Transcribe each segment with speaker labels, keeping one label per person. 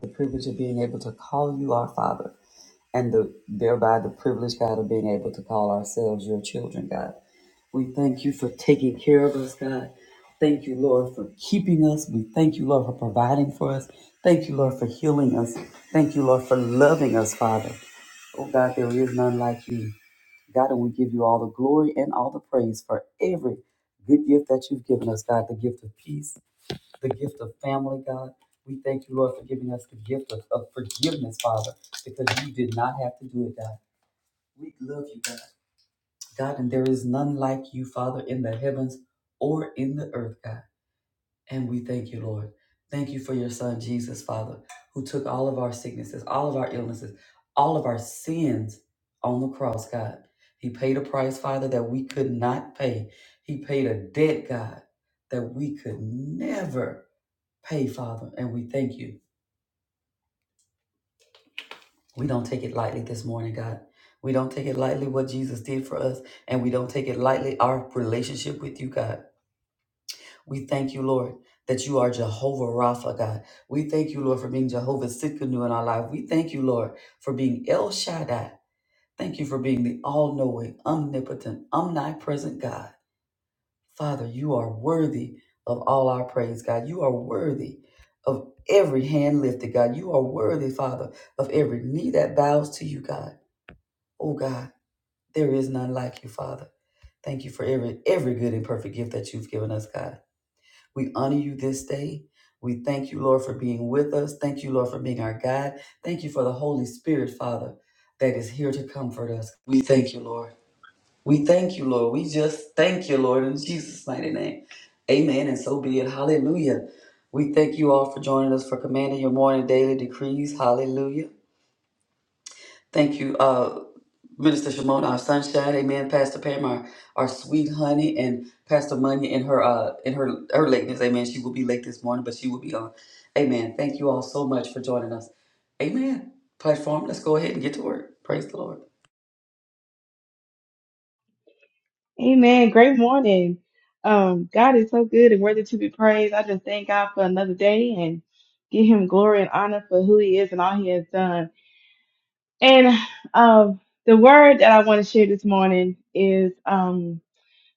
Speaker 1: the privilege of being able to call you our Father, and the, thereby the privilege, God, of being able to call ourselves your children, God. We thank you for taking care of us, God. Thank you, Lord, for keeping us. We thank you, Lord, for providing for us. Thank you, Lord, for healing us. Thank you, Lord, for loving us, Father. Oh, God, there is none like you. God, and we give you all the glory and all the praise for every good gift that you've given us, God, the gift of peace, the gift of family, God. We thank you, Lord, for giving us the gift of, of forgiveness, Father, because you did not have to do it, God. We love you, God. God, and there is none like you, Father, in the heavens or in the earth, God. And we thank you, Lord. Thank you for your son, Jesus, Father, who took all of our sicknesses, all of our illnesses, all of our sins on the cross, God. He paid a price, Father, that we could not pay. He paid a debt, God, that we could never pay, Father, and we thank you. We don't take it lightly this morning, God. We don't take it lightly what Jesus did for us, and we don't take it lightly our relationship with you, God. We thank you, Lord, that you are Jehovah Rapha, God. We thank you, Lord, for being Jehovah Sikkenu in our life. We thank you, Lord, for being El Shaddai. Thank you for being the all knowing, omnipotent, omnipresent God. Father, you are worthy of all our praise, God. You are worthy of every hand lifted, God. You are worthy, Father, of every knee that bows to you, God. Oh, God, there is none like you, Father. Thank you for every every good and perfect gift that you've given us, God. We honor you this day. We thank you, Lord, for being with us. Thank you, Lord, for being our guide. Thank you for the Holy Spirit, Father, that is here to comfort us. We thank you, Lord. We thank you, Lord. We just thank you, Lord, in Jesus' mighty name. Amen. And so be it. Hallelujah. We thank you all for joining us for commanding your morning daily decrees. Hallelujah. Thank you, uh, Minister Shimon, our sunshine. Amen. Pastor Pam, our, our sweet honey, and Pastor Money in her uh in her her lateness. Amen. She will be late this morning, but she will be on. Amen. Thank you all so much for joining us. Amen. Platform, let's go ahead and get to work. Praise the Lord.
Speaker 2: Amen. Great morning. Um, God is so good and worthy to be praised. I just thank God for another day and give him glory and honor for who he is and all he has done. And um the word that I want to share this morning is um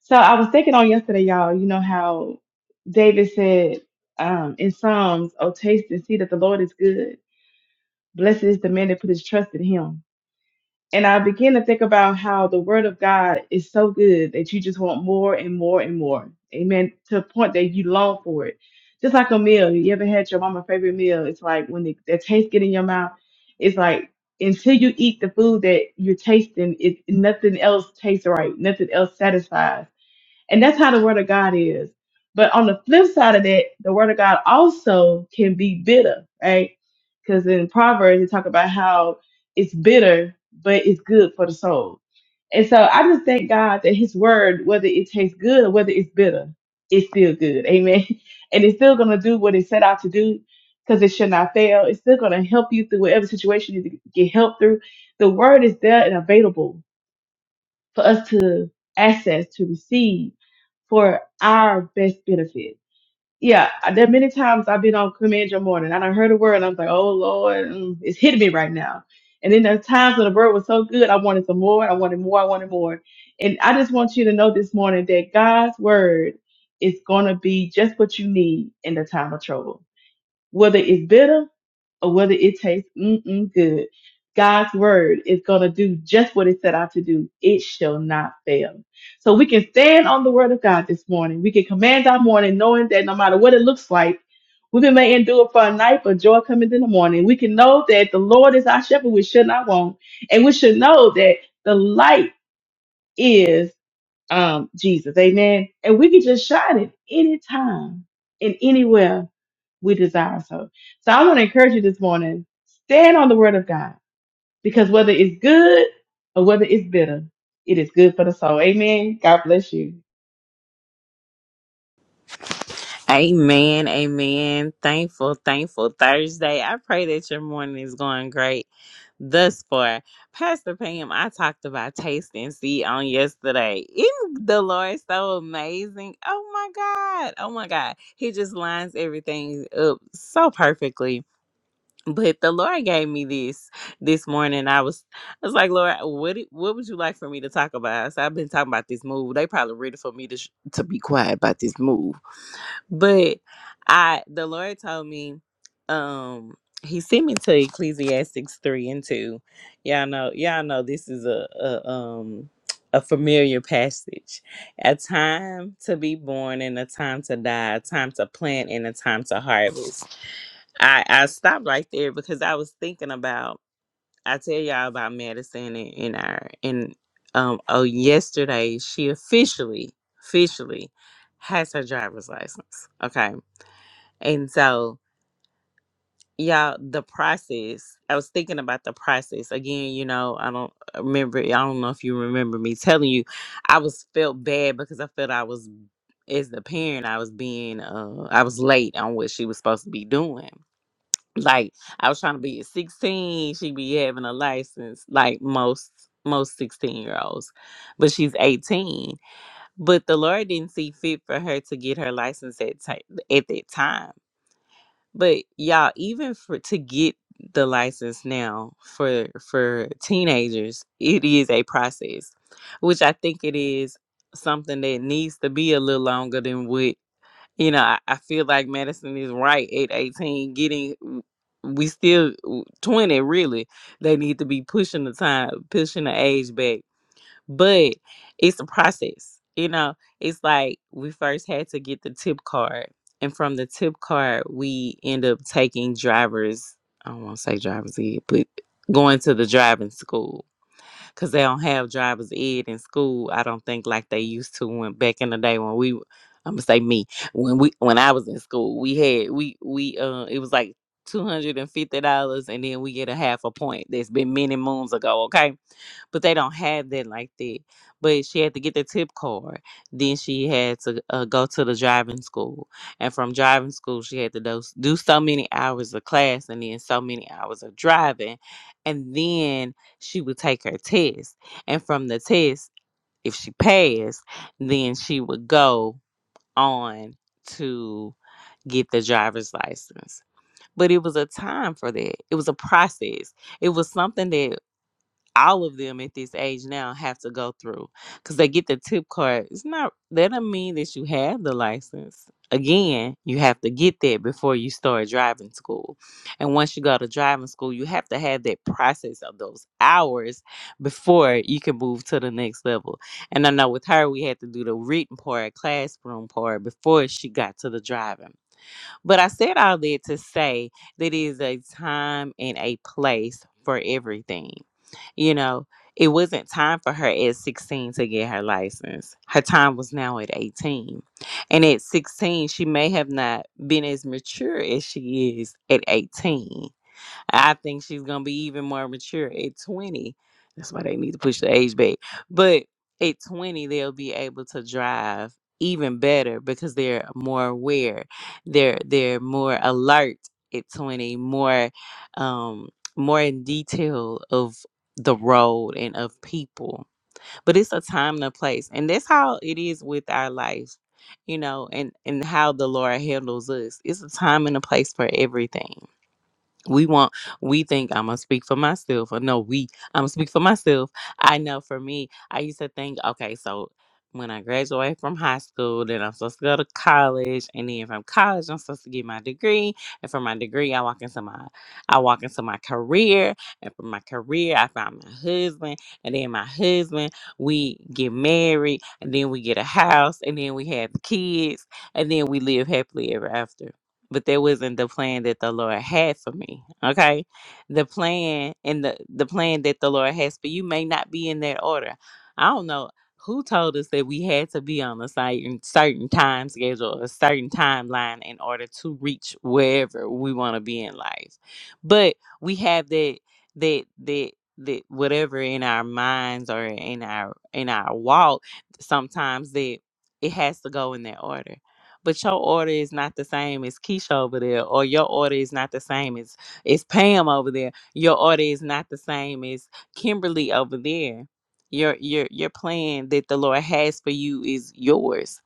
Speaker 2: so I was thinking on yesterday, y'all, you know how David said um in Psalms, Oh taste and see that the Lord is good. Blessed is the man that put his trust in him. And I began to think about how the word of God is so good that you just want more and more and more. Amen. To a point that you long for it. Just like a meal. You ever had your mama's favorite meal? It's like when the, the taste get in your mouth, it's like until you eat the food that you're tasting, it nothing else tastes right. Nothing else satisfies and that's how the word of God is. But on the flip side of that, the word of God also can be bitter, right? Because in Proverbs, you talk about how it's bitter, but it's good for the soul. And so I just thank God that his word, whether it tastes good or whether it's bitter, it's still good. Amen. And it's still going to do what it set out to do because it should not fail. It's still going to help you through whatever situation you need to get help through. The word is there and available for us to access to receive for our best benefit. Yeah, there are many times I've been on command your morning and I heard a word and I was like, oh Lord, mm, it's hitting me right now. And then there's times when the word was so good, I wanted some more, I wanted more, I wanted more. And I just want you to know this morning that God's word is going to be just what you need in the time of trouble whether it's bitter or whether it tastes mm-mm good. God's word is going to do just what it set out to do. It shall not fail. So we can stand on the word of God this morning. We can command our morning knowing that no matter what it looks like, we may endure for a night, but joy cometh in the morning. We can know that the Lord is our shepherd. We should not want. And we should know that the light is um, Jesus. Amen. And we can just shine it anytime and anywhere we desire so. So I want to encourage you this morning, stand on the word of God because whether it's good or whether it's bitter, it is good for the soul. Amen. God bless you.
Speaker 3: Amen, amen. Thankful, thankful Thursday. I pray that your morning is going great thus far. Pastor Pam, I talked about taste and see on yesterday. Isn't the Lord so amazing? Oh my God. Oh my God. He just lines everything up so perfectly. But the Lord gave me this this morning. I was I was like, Lord, what do- what would you like for me to talk about? So I've been talking about this move. They probably ready for me to sh- to be quiet about this move but I the Lord told me, um, he sent me to Ecclesiastics three and two. Y'all know, y'all know this is a, a um a familiar passage. A time to be born and a time to die, a time to plant and a time to harvest. I, I stopped right there because I was thinking about I tell y'all about Madison and, and our and um oh yesterday she officially officially has her driver's license. Okay and so, y'all, the process, I was thinking about the process again. You know, I don't uh, remember, I don't know if you remember me telling you, I was felt bad because I felt I was, as the parent, I was being, uh, I was late on what she was supposed to be doing. Like, I was trying to be at 16, she be having a license, like most. Most 16 year olds, but she's 18. But the Lord didn't see fit for her to get her license at, ti- at that time but y'all, even for to get the license now for for teenagers, it is a process, which I think it is something that needs to be a little longer than what you know. I, I feel like Madison is right at eighteen. Getting we still twenty really. They need to be pushing the time, pushing the age back but it's a process you know it's like we first had to get the tip card and from the tip card we end up taking drivers i don't want to say drivers ed but going to the driving school because they don't have drivers ed in school i don't think like they used to when back in the day when we i'm gonna say me when we when i was in school we had we we uh it was like $250 and fifty dollars, and then we get a half a point that's been many moons ago okay but they don't have that like that. But she had to get the tip card. Then she had to uh, go to the driving school, and from driving school she had to do, do so many hours of class, and then so many hours of driving, and then she would take her test, and from the test, if she passed, then she would go on to get the driver's license. But it was a time for that. It was a process. It was something that all of them at this age now have to go through because they get the tip card. It's not that doesn't mean that you have the license. Again, you have to get that before you start driving school. And once you go to driving school, you have to have that process of those hours before you can move to the next level. And I know with her, we had to do the written part, classroom part before she got to the driving. But I said all that to say that it is a time and a place for everything. You know, it wasn't time for her at 16 to get her license. Her time was now at 18. And at 16, she may have not been as mature as she is at 18 I think she's gonna be even more mature at 20. That's why they need to push the age back. But at 20, they'll be able to drive even better because they're more aware. They're they're more alert at 20, more um more in detail of the road and of people. But it's a time and a place. And that's how it is with our life, you know, and, and how the Lord handles us. It's a time and a place for everything we want we think i'm gonna speak for myself or no we i'm gonna speak for myself i know for me i used to think okay so when i graduate from high school then i'm supposed to go to college and then from college i'm supposed to get my degree and from my degree i walk into my i walk into my career and from my career i find my husband and then my husband we get married and then we get a house and then we have kids and then we live happily ever after but that wasn't the plan that the Lord had for me. Okay. The plan and the, the plan that the Lord has for you may not be in that order. I don't know who told us that we had to be on a certain certain time schedule, a certain timeline in order to reach wherever we want to be in life. But we have that that that that whatever in our minds or in our in our walk, sometimes that it has to go in that order but your order is not the same as Keisha over there, or your order is not the same as, as Pam over there. Your order is not the same as Kimberly over there. Your your your plan that the Lord has for you is yours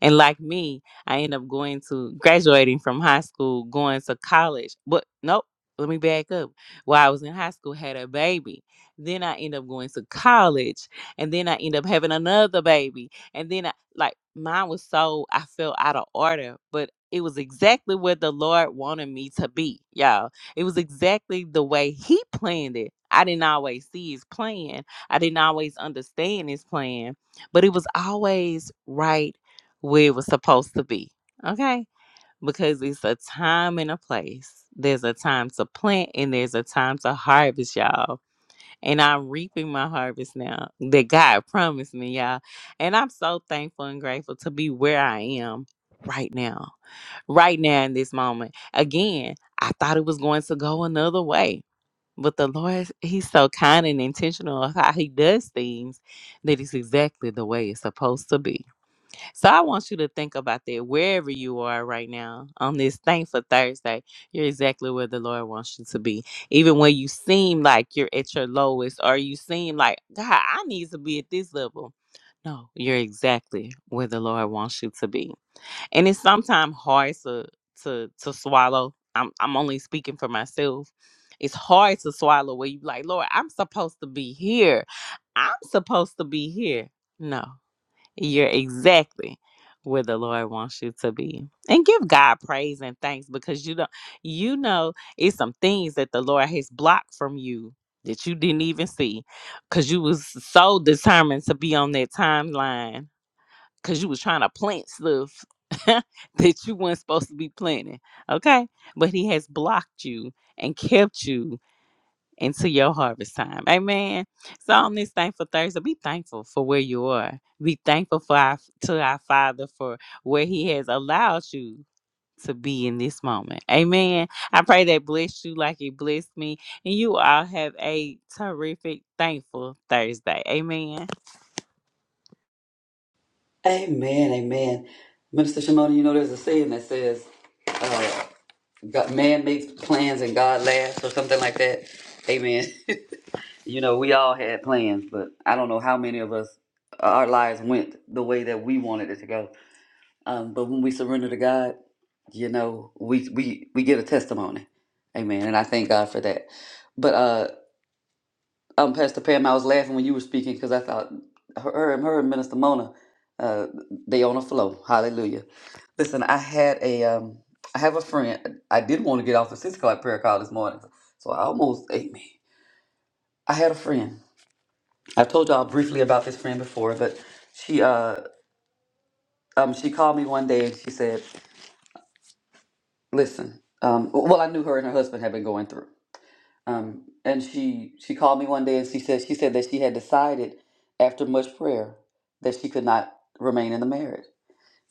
Speaker 3: and like me, I end up going to graduating from high school, going to college. But nope, let me back up. While I was in high school, had a baby. Then I end up going to college, and then I end up having another baby. And then I like mine was so I felt out of order, but it was exactly where the Lord wanted me to be, y'all. It was exactly the way He planned it. I didn't always see His plan. I didn't always understand His plan, but it was always right where it was supposed to be. Okay? Because it's a time and a place. There's a time to plant and there's a time to harvest, y'all. And I'm reaping my harvest now that God promised me, y'all. And I'm so thankful and grateful to be where I am right now, right now in this moment. Again, I thought it was going to go another way. But the Lord, He's so kind and intentional of how He does things that it's exactly the way it's supposed to be. So I want you to think about that wherever you are right now on this thankful Thursday. You're exactly where the Lord wants you to be. Even when you seem like you're at your lowest or you seem like, God, I need to be at this level. No, you're exactly where the Lord wants you to be. And it's sometimes hard to to to swallow. I'm I'm only speaking for myself. It's hard to swallow where you like, Lord, I'm supposed to be here. I'm supposed to be here. No. You're exactly where the Lord wants you to be. And give God praise and thanks because you don't you know it's some things that the Lord has blocked from you that you didn't even see cuz you was so determined to be on that timeline cuz you was trying to plant stuff that you weren't supposed to be planting. Okay? But he has blocked you and kept you into your harvest time. Amen. So on this thankful Thursday, be thankful for where you are. Be thankful for our to our Father for where He has allowed you to be in this moment. Amen. I pray that bless you like it blessed me. And you all have a terrific, thankful Thursday. Amen.
Speaker 1: Amen, amen. Minister Shimona, you know there's a saying that says, uh, God, man makes plans and God laughs or something like that. Amen. You know, we all had plans, but I don't know how many of us, uh, our lives went the way that we wanted it to go. Um, but when we surrender to God, you know, we, we, we get a testimony. Amen. And I thank God for that. But, uh, um, Pastor Pam, I was laughing when you were speaking because I thought her, her and her and Minister Mona, uh, they on a flow. Hallelujah. Listen, I had a, um, I have a friend. I did want to get off the six o'clock prayer call this morning, so I almost ate me. I had a friend. I've told y'all briefly about this friend before, but she, uh, um, she called me one day and she said, "Listen, um, well, I knew her and her husband had been going through." Um, and she she called me one day and she said she said that she had decided after much prayer that she could not remain in the marriage.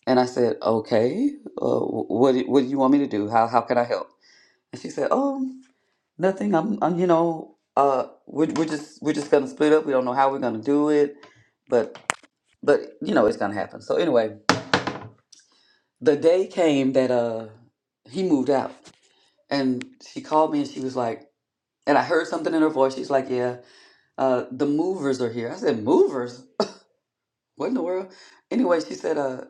Speaker 1: And I said, okay, uh, wh- what do- what do you want me to do? How how can I help? And she said, oh, nothing. I'm, I'm you know, uh, we're, we're just we're just gonna split up. We don't know how we're gonna do it, but but you know it's gonna happen. So anyway, the day came that uh he moved out, and she called me and she was like, and I heard something in her voice. She's like, yeah. uh the movers are here i said movers what in the world anyway she said uh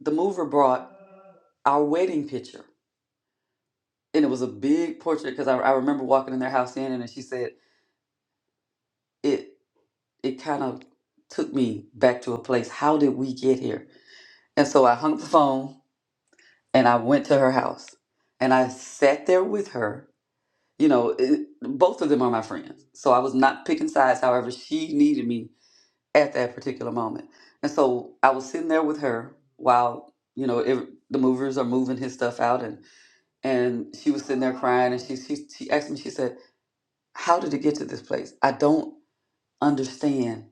Speaker 1: the mover brought our wedding picture and it was a big portrait because I, I remember walking in their house in and she said it it kind of took me back to a place how did we get here and so i hung up the phone and i went to her house and i sat there with her you know it, both of them are my friends so i was not picking sides however she needed me at that particular moment. And so I was sitting there with her while you know it, the movers are moving his stuff out, and and she was sitting there crying, and she she she asked me, she said, "How did it get to this place? I don't understand.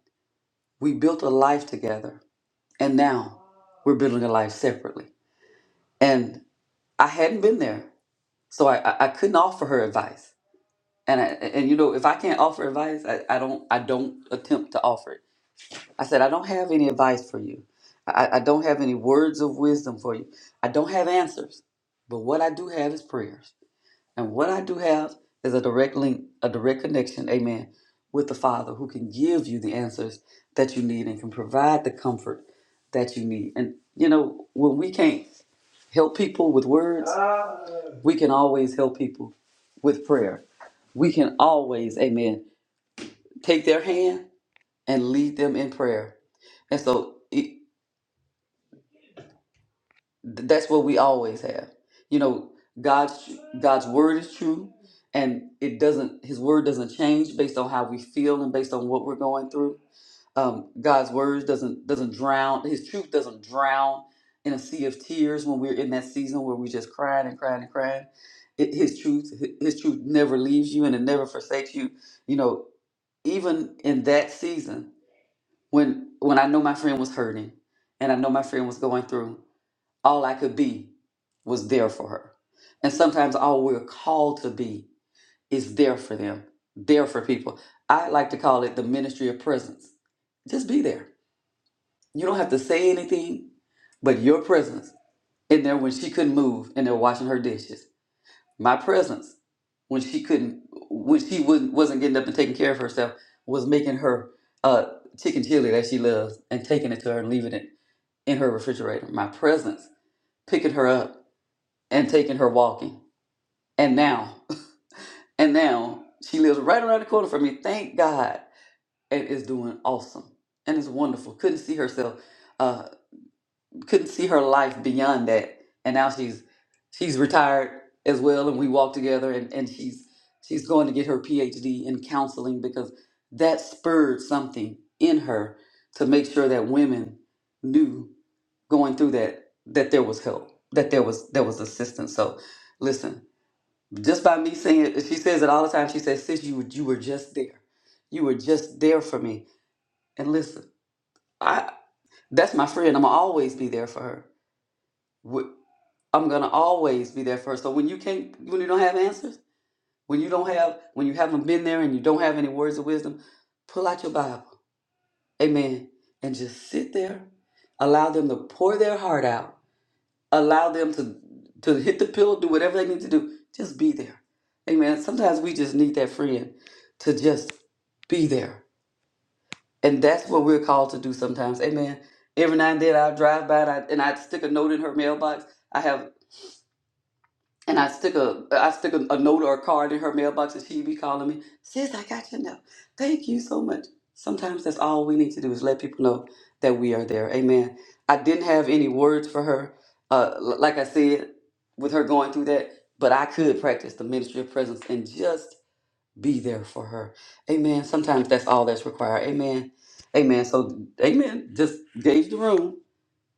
Speaker 1: We built a life together, and now we're building a life separately." And I hadn't been there, so I I, I couldn't offer her advice. And I, and you know if I can't offer advice, I, I don't I don't attempt to offer it I said, I don't have any advice for you. I, I don't have any words of wisdom for you. I don't have answers. But what I do have is prayers. And what I do have is a direct link, a direct connection, amen, with the Father who can give you the answers that you need and can provide the comfort that you need. And, you know, when we can't help people with words, we can always help people with prayer. We can always, amen, take their hand and lead them in prayer. And so it, that's what we always have. You know, God's God's word is true and it doesn't his word doesn't change based on how we feel and based on what we're going through. Um, God's word doesn't doesn't drown, his truth doesn't drown in a sea of tears when we're in that season where we're just crying and crying and crying. It, his truth his truth never leaves you and it never forsakes you. You know, even in that season when when I know my friend was hurting and I know my friend was going through, all I could be was there for her. And sometimes all we're called to be is there for them, there for people. I like to call it the ministry of presence. Just be there. You don't have to say anything, but your presence in there when she couldn't move and they're washing her dishes. My presence when she couldn't when she wouldn't, wasn't getting up and taking care of herself was making her uh, chicken chili that she loves and taking it to her and leaving it in her refrigerator, my presence, picking her up and taking her walking. And now, and now she lives right around the corner from me, thank God, and is doing awesome and it's wonderful. Couldn't see herself. uh, couldn't see her life beyond that. And now she's she's retired as well and we walk together and, and she's she's going to get her PhD in counseling because that spurred something in her to make sure that women knew going through that that there was help, that there was there was assistance. So listen, just by me saying it, she says it all the time. She says, sis, you were- you were just there. You were just there for me. And listen, I that's my friend. I'm gonna always be there for her I'm gonna always be there first. So when you can't, when you don't have answers, when you don't have, when you haven't been there and you don't have any words of wisdom, pull out your Bible, Amen, and just sit there. Allow them to pour their heart out. Allow them to to hit the pillow, do whatever they need to do. Just be there, Amen. Sometimes we just need that friend to just be there, and that's what we're called to do sometimes, Amen. Every now and then I'll drive by and I, and I stick a note in her mailbox. I have And I stick a I stick a, a note or a card in her mailbox, and she be calling me, "Sis, I got your note. Thank you so much." Sometimes that's all we need to do is let people know that we are there. Amen. I didn't have any words for her, uh, l- like I said, with her going through that, but I could practice the ministry of presence and just be there for her. Amen. Sometimes that's all that's required. Amen. Amen. So, amen. Just gauge the room.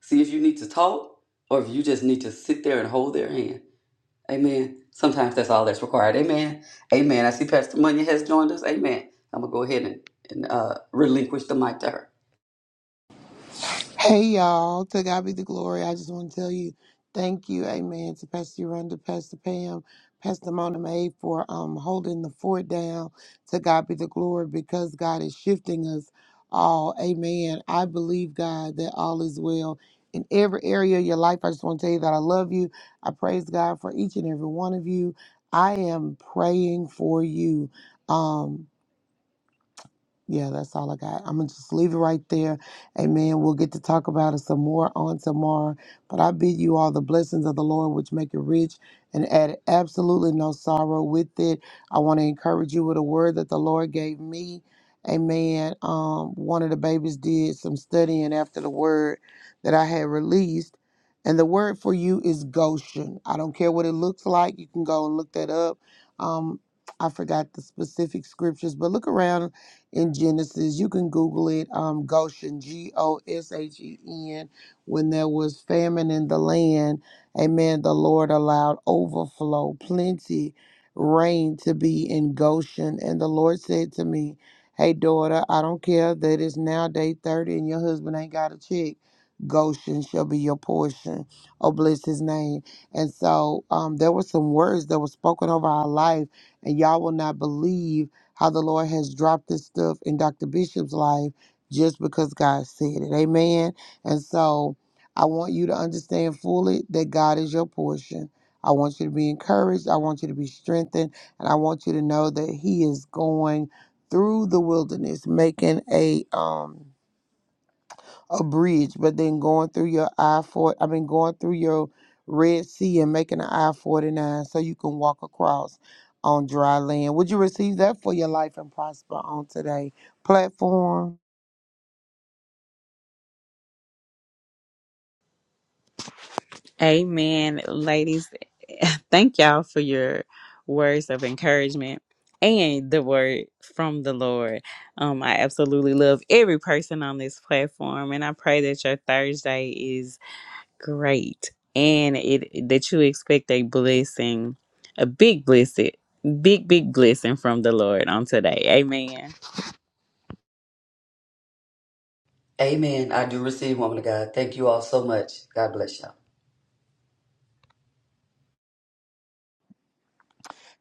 Speaker 1: See if you need to talk or if you just need to sit there and hold their hand Amen. Sometimes that's all that's required. Amen. Amen. I see Pastor Munya has joined us. Amen. I'm gonna go ahead and, and uh, relinquish the mic to her.
Speaker 4: Hey y'all, to God be the glory. I just want to tell you thank you, amen, to Pastor Yolanda, Pastor Pam, Pastor Mona Mae, for um holding the fort down. To God be the glory because God is shifting us all. Amen. I believe God that all is well in every area of your life. I just want to tell you that I love you. I praise God for each and every one of you. I am praying for you. Um yeah, that's all I got. I'm gonna just leave it right there. Amen. We'll get to talk about it some more on tomorrow. But I bid you all the blessings of the Lord, which make it rich and add absolutely no sorrow with it. I want to encourage you with a word that the Lord gave me. Amen. Um, one of the babies did some studying after the word that I had released. And the word for you is Goshen. I don't care what it looks like. You can go and look that up. Um, I forgot the specific scriptures, but look around in Genesis. You can Google it, um, Goshen, G O S H E N. When there was famine in the land, amen, the Lord allowed overflow, plenty, rain to be in Goshen. And the Lord said to me, Hey, daughter, I don't care that it's now day 30 and your husband ain't got a check. Goshen shall be your portion. Oh, bless his name. And so um, there were some words that were spoken over our life, and y'all will not believe how the Lord has dropped this stuff in Dr. Bishop's life just because God said it. Amen. And so I want you to understand fully that God is your portion. I want you to be encouraged. I want you to be strengthened. And I want you to know that He is going through the wilderness, making a um a bridge, but then going through your I four, I mean going through your Red Sea and making an I forty nine so you can walk across on dry land. Would you receive that for your life and prosper on today platform?
Speaker 3: Amen, ladies. Thank y'all for your words of encouragement and the word from the Lord. Um, I absolutely love every person on this platform, and I pray that your Thursday is great and it that you expect a blessing, a big blessing, big big blessing from the Lord on today. Amen.
Speaker 1: Amen. I do receive, woman of God. Thank you all so much. God bless y'all.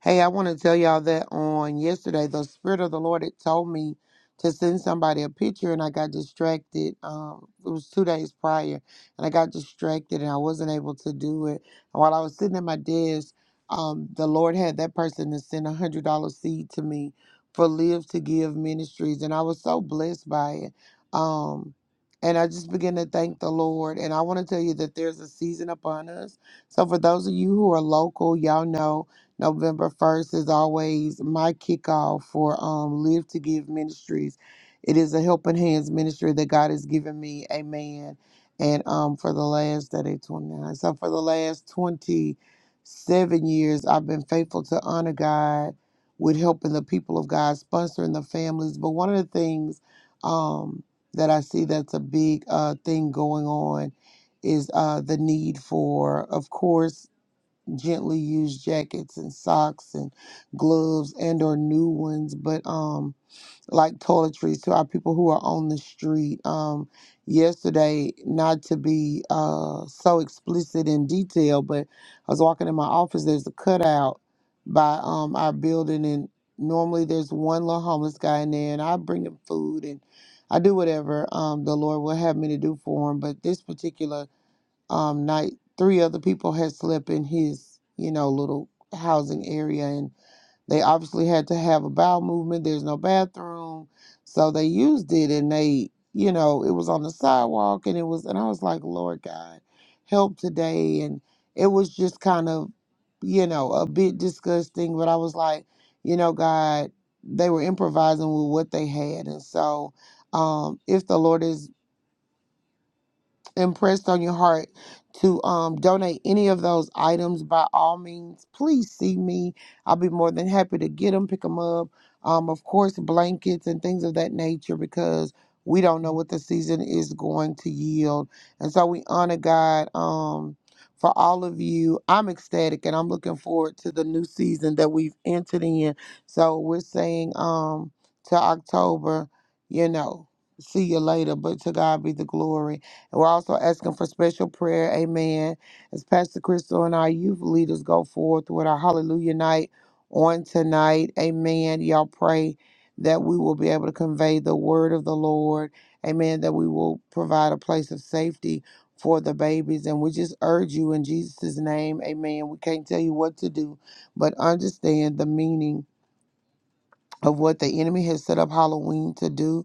Speaker 4: Hey, I want to tell y'all that on yesterday, the Spirit of the Lord had told me to send somebody a picture, and I got distracted. Um, it was two days prior, and I got distracted, and I wasn't able to do it. And while I was sitting at my desk, um, the Lord had that person to send a hundred dollar seed to me for Live to Give Ministries, and I was so blessed by it. Um, and I just began to thank the Lord. And I want to tell you that there's a season upon us. So for those of you who are local, y'all know November 1st is always my kickoff for um, Live to Give Ministries. It is a helping hands ministry that God has given me. Amen. And um, for the last that is 29. So for the last 27 years, I've been faithful to honor God with helping the people of God, sponsoring the families. But one of the things um, that I see that's a big uh, thing going on is uh, the need for, of course, gently used jackets and socks and gloves and or new ones but um like toiletries to our people who are on the street um yesterday not to be uh so explicit in detail but i was walking in my office there's a cutout by um our building and normally there's one little homeless guy in there and i bring him food and i do whatever um the lord will have me to do for him but this particular um, night, three other people had slept in his, you know, little housing area, and they obviously had to have a bowel movement. There's no bathroom, so they used it, and they, you know, it was on the sidewalk, and it was, and I was like, Lord God, help today, and it was just kind of, you know, a bit disgusting, but I was like, you know, God, they were improvising with what they had, and so. Um, if the Lord is impressed on your heart to um, donate any of those items, by all means, please see me. I'll be more than happy to get them, pick them up. Um, of course, blankets and things of that nature because we don't know what the season is going to yield. And so we honor God um, for all of you. I'm ecstatic and I'm looking forward to the new season that we've entered in. So we're saying um, to October, you know, see you later, but to God be the glory. And we're also asking for special prayer. Amen. As Pastor Crystal and our youth leaders go forth with our Hallelujah night on tonight. Amen. Y'all pray that we will be able to convey the word of the Lord. Amen. That we will provide a place of safety for the babies. And we just urge you in Jesus' name. Amen. We can't tell you what to do, but understand the meaning of what the enemy has set up Halloween to do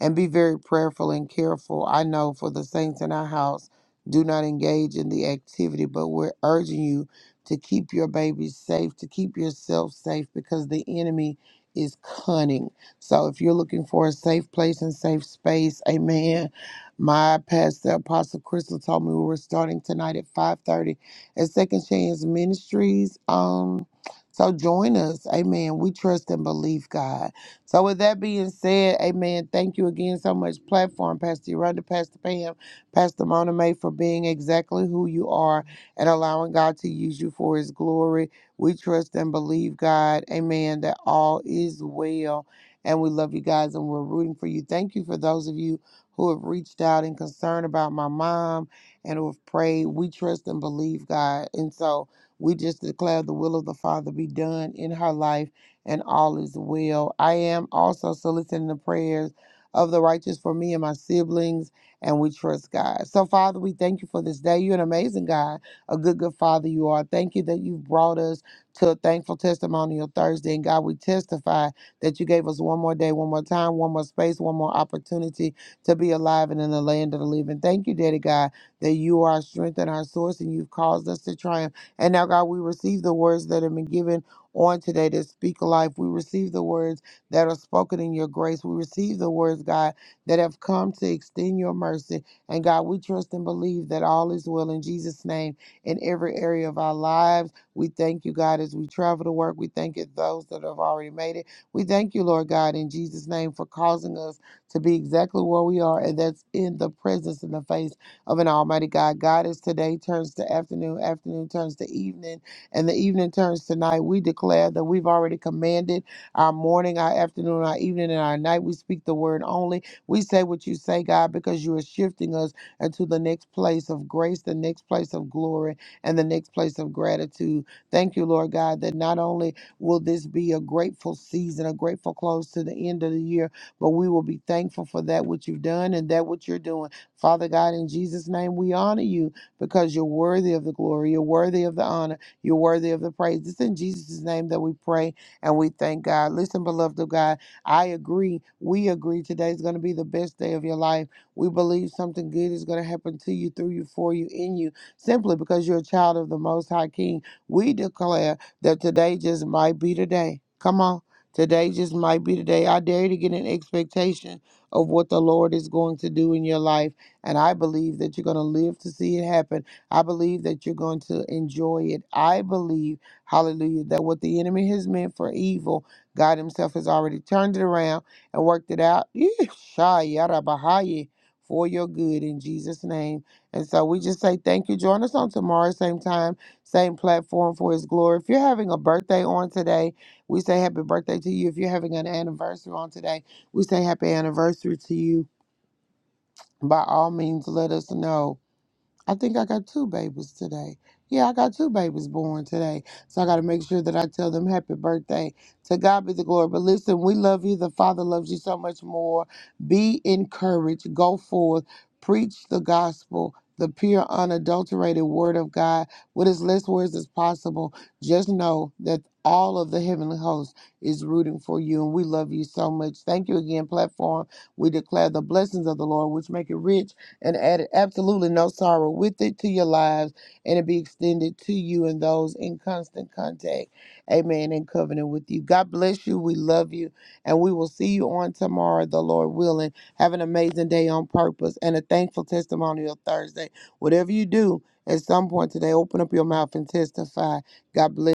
Speaker 4: and be very prayerful and careful. I know for the saints in our house, do not engage in the activity, but we're urging you to keep your babies safe, to keep yourself safe, because the enemy is cunning. So if you're looking for a safe place and safe space, amen. My pastor, Apostle Crystal, told me we were starting tonight at 5.30 at Second Chance Ministries. Um, so join us. Amen. We trust and believe God. So with that being said, amen. Thank you again so much, platform, Pastor Yolanda, Pastor Pam, Pastor Mona May, for being exactly who you are and allowing God to use you for his glory. We trust and believe, God, amen, that all is well. And we love you guys and we're rooting for you. Thank you for those of you who have reached out and concerned about my mom and who have prayed. We trust and believe, God. And so we just declare the will of the Father be done in her life and all is well. I am also soliciting the prayers of the righteous for me and my siblings, and we trust God. So, Father, we thank you for this day. You're an amazing God, a good, good Father you are. Thank you that you've brought us to a thankful testimonial Thursday. And God, we testify that you gave us one more day, one more time, one more space, one more opportunity to be alive and in the land of the living. Thank you, Daddy God, that you are our strength and our source, and you've caused us to triumph. And now, God, we receive the words that have been given on today that speak life. We receive the words that are spoken in your grace. We receive the words, God, that have come to extend your mercy. And God, we trust and believe that all is well in Jesus' name in every area of our lives. We thank you, God, as we travel to work. We thank you, those that have already made it. We thank you, Lord God, in Jesus' name for causing us to be exactly where we are, and that's in the presence and the face of an Almighty God. God, as today turns to afternoon, afternoon turns to evening, and the evening turns to night. We declare that we've already commanded our morning, our afternoon, our evening, and our night. We speak the word only. We say what you say, God, because you are shifting us into the next place of grace, the next place of glory, and the next place of gratitude. Thank you, Lord God, that not only will this be a grateful season, a grateful close to the end of the year, but we will be thankful for that which you've done and that which you're doing. Father God, in Jesus' name, we honor you because you're worthy of the glory, you're worthy of the honor. You're worthy of the praise. It's in Jesus' name that we pray and we thank God. Listen, beloved of God, I agree. We agree today is going to be the best day of your life. We believe something good is going to happen to you, through you, for you, in you, simply because you're a child of the Most High King. We declare that today just might be the day. Come on. Today just might be the day. I dare you to get an expectation of what the Lord is going to do in your life. And I believe that you're going to live to see it happen I believe that you're going to enjoy it. I believe, hallelujah, that what the enemy has meant for evil, God Himself has already turned it around and worked it out Yee, shy, yada, bahaya, for your good in Jesus' name. And so we just say thank you. Join us on tomorrow, same time, same platform for His glory. If you're having a birthday on today, we say happy birthday to you. If you're having an anniversary on today, we say happy anniversary to you. By all means, let us know. I think I got two babies today. Yeah, I got two babies born today. So I got to make sure that I tell them happy birthday. To God be the glory. But listen, we love you. The Father loves you so much more. Be encouraged. Go forth. Preach the gospel, the pure, unadulterated word of God with as less words as possible. Just know that all of the heavenly host is rooting for you, and we love you so much. Thank you again, platform. We declare the blessings of the Lord, which make it rich and added absolutely no sorrow with it to your lives, and it be extended to you and those in constant contact. Amen. And covenant with you. God bless you. We love you. And we will see you on tomorrow, the Lord willing. Have an amazing day on purpose and a thankful testimonial Thursday. Whatever you do, at some point today, open up your mouth and testify. God bless.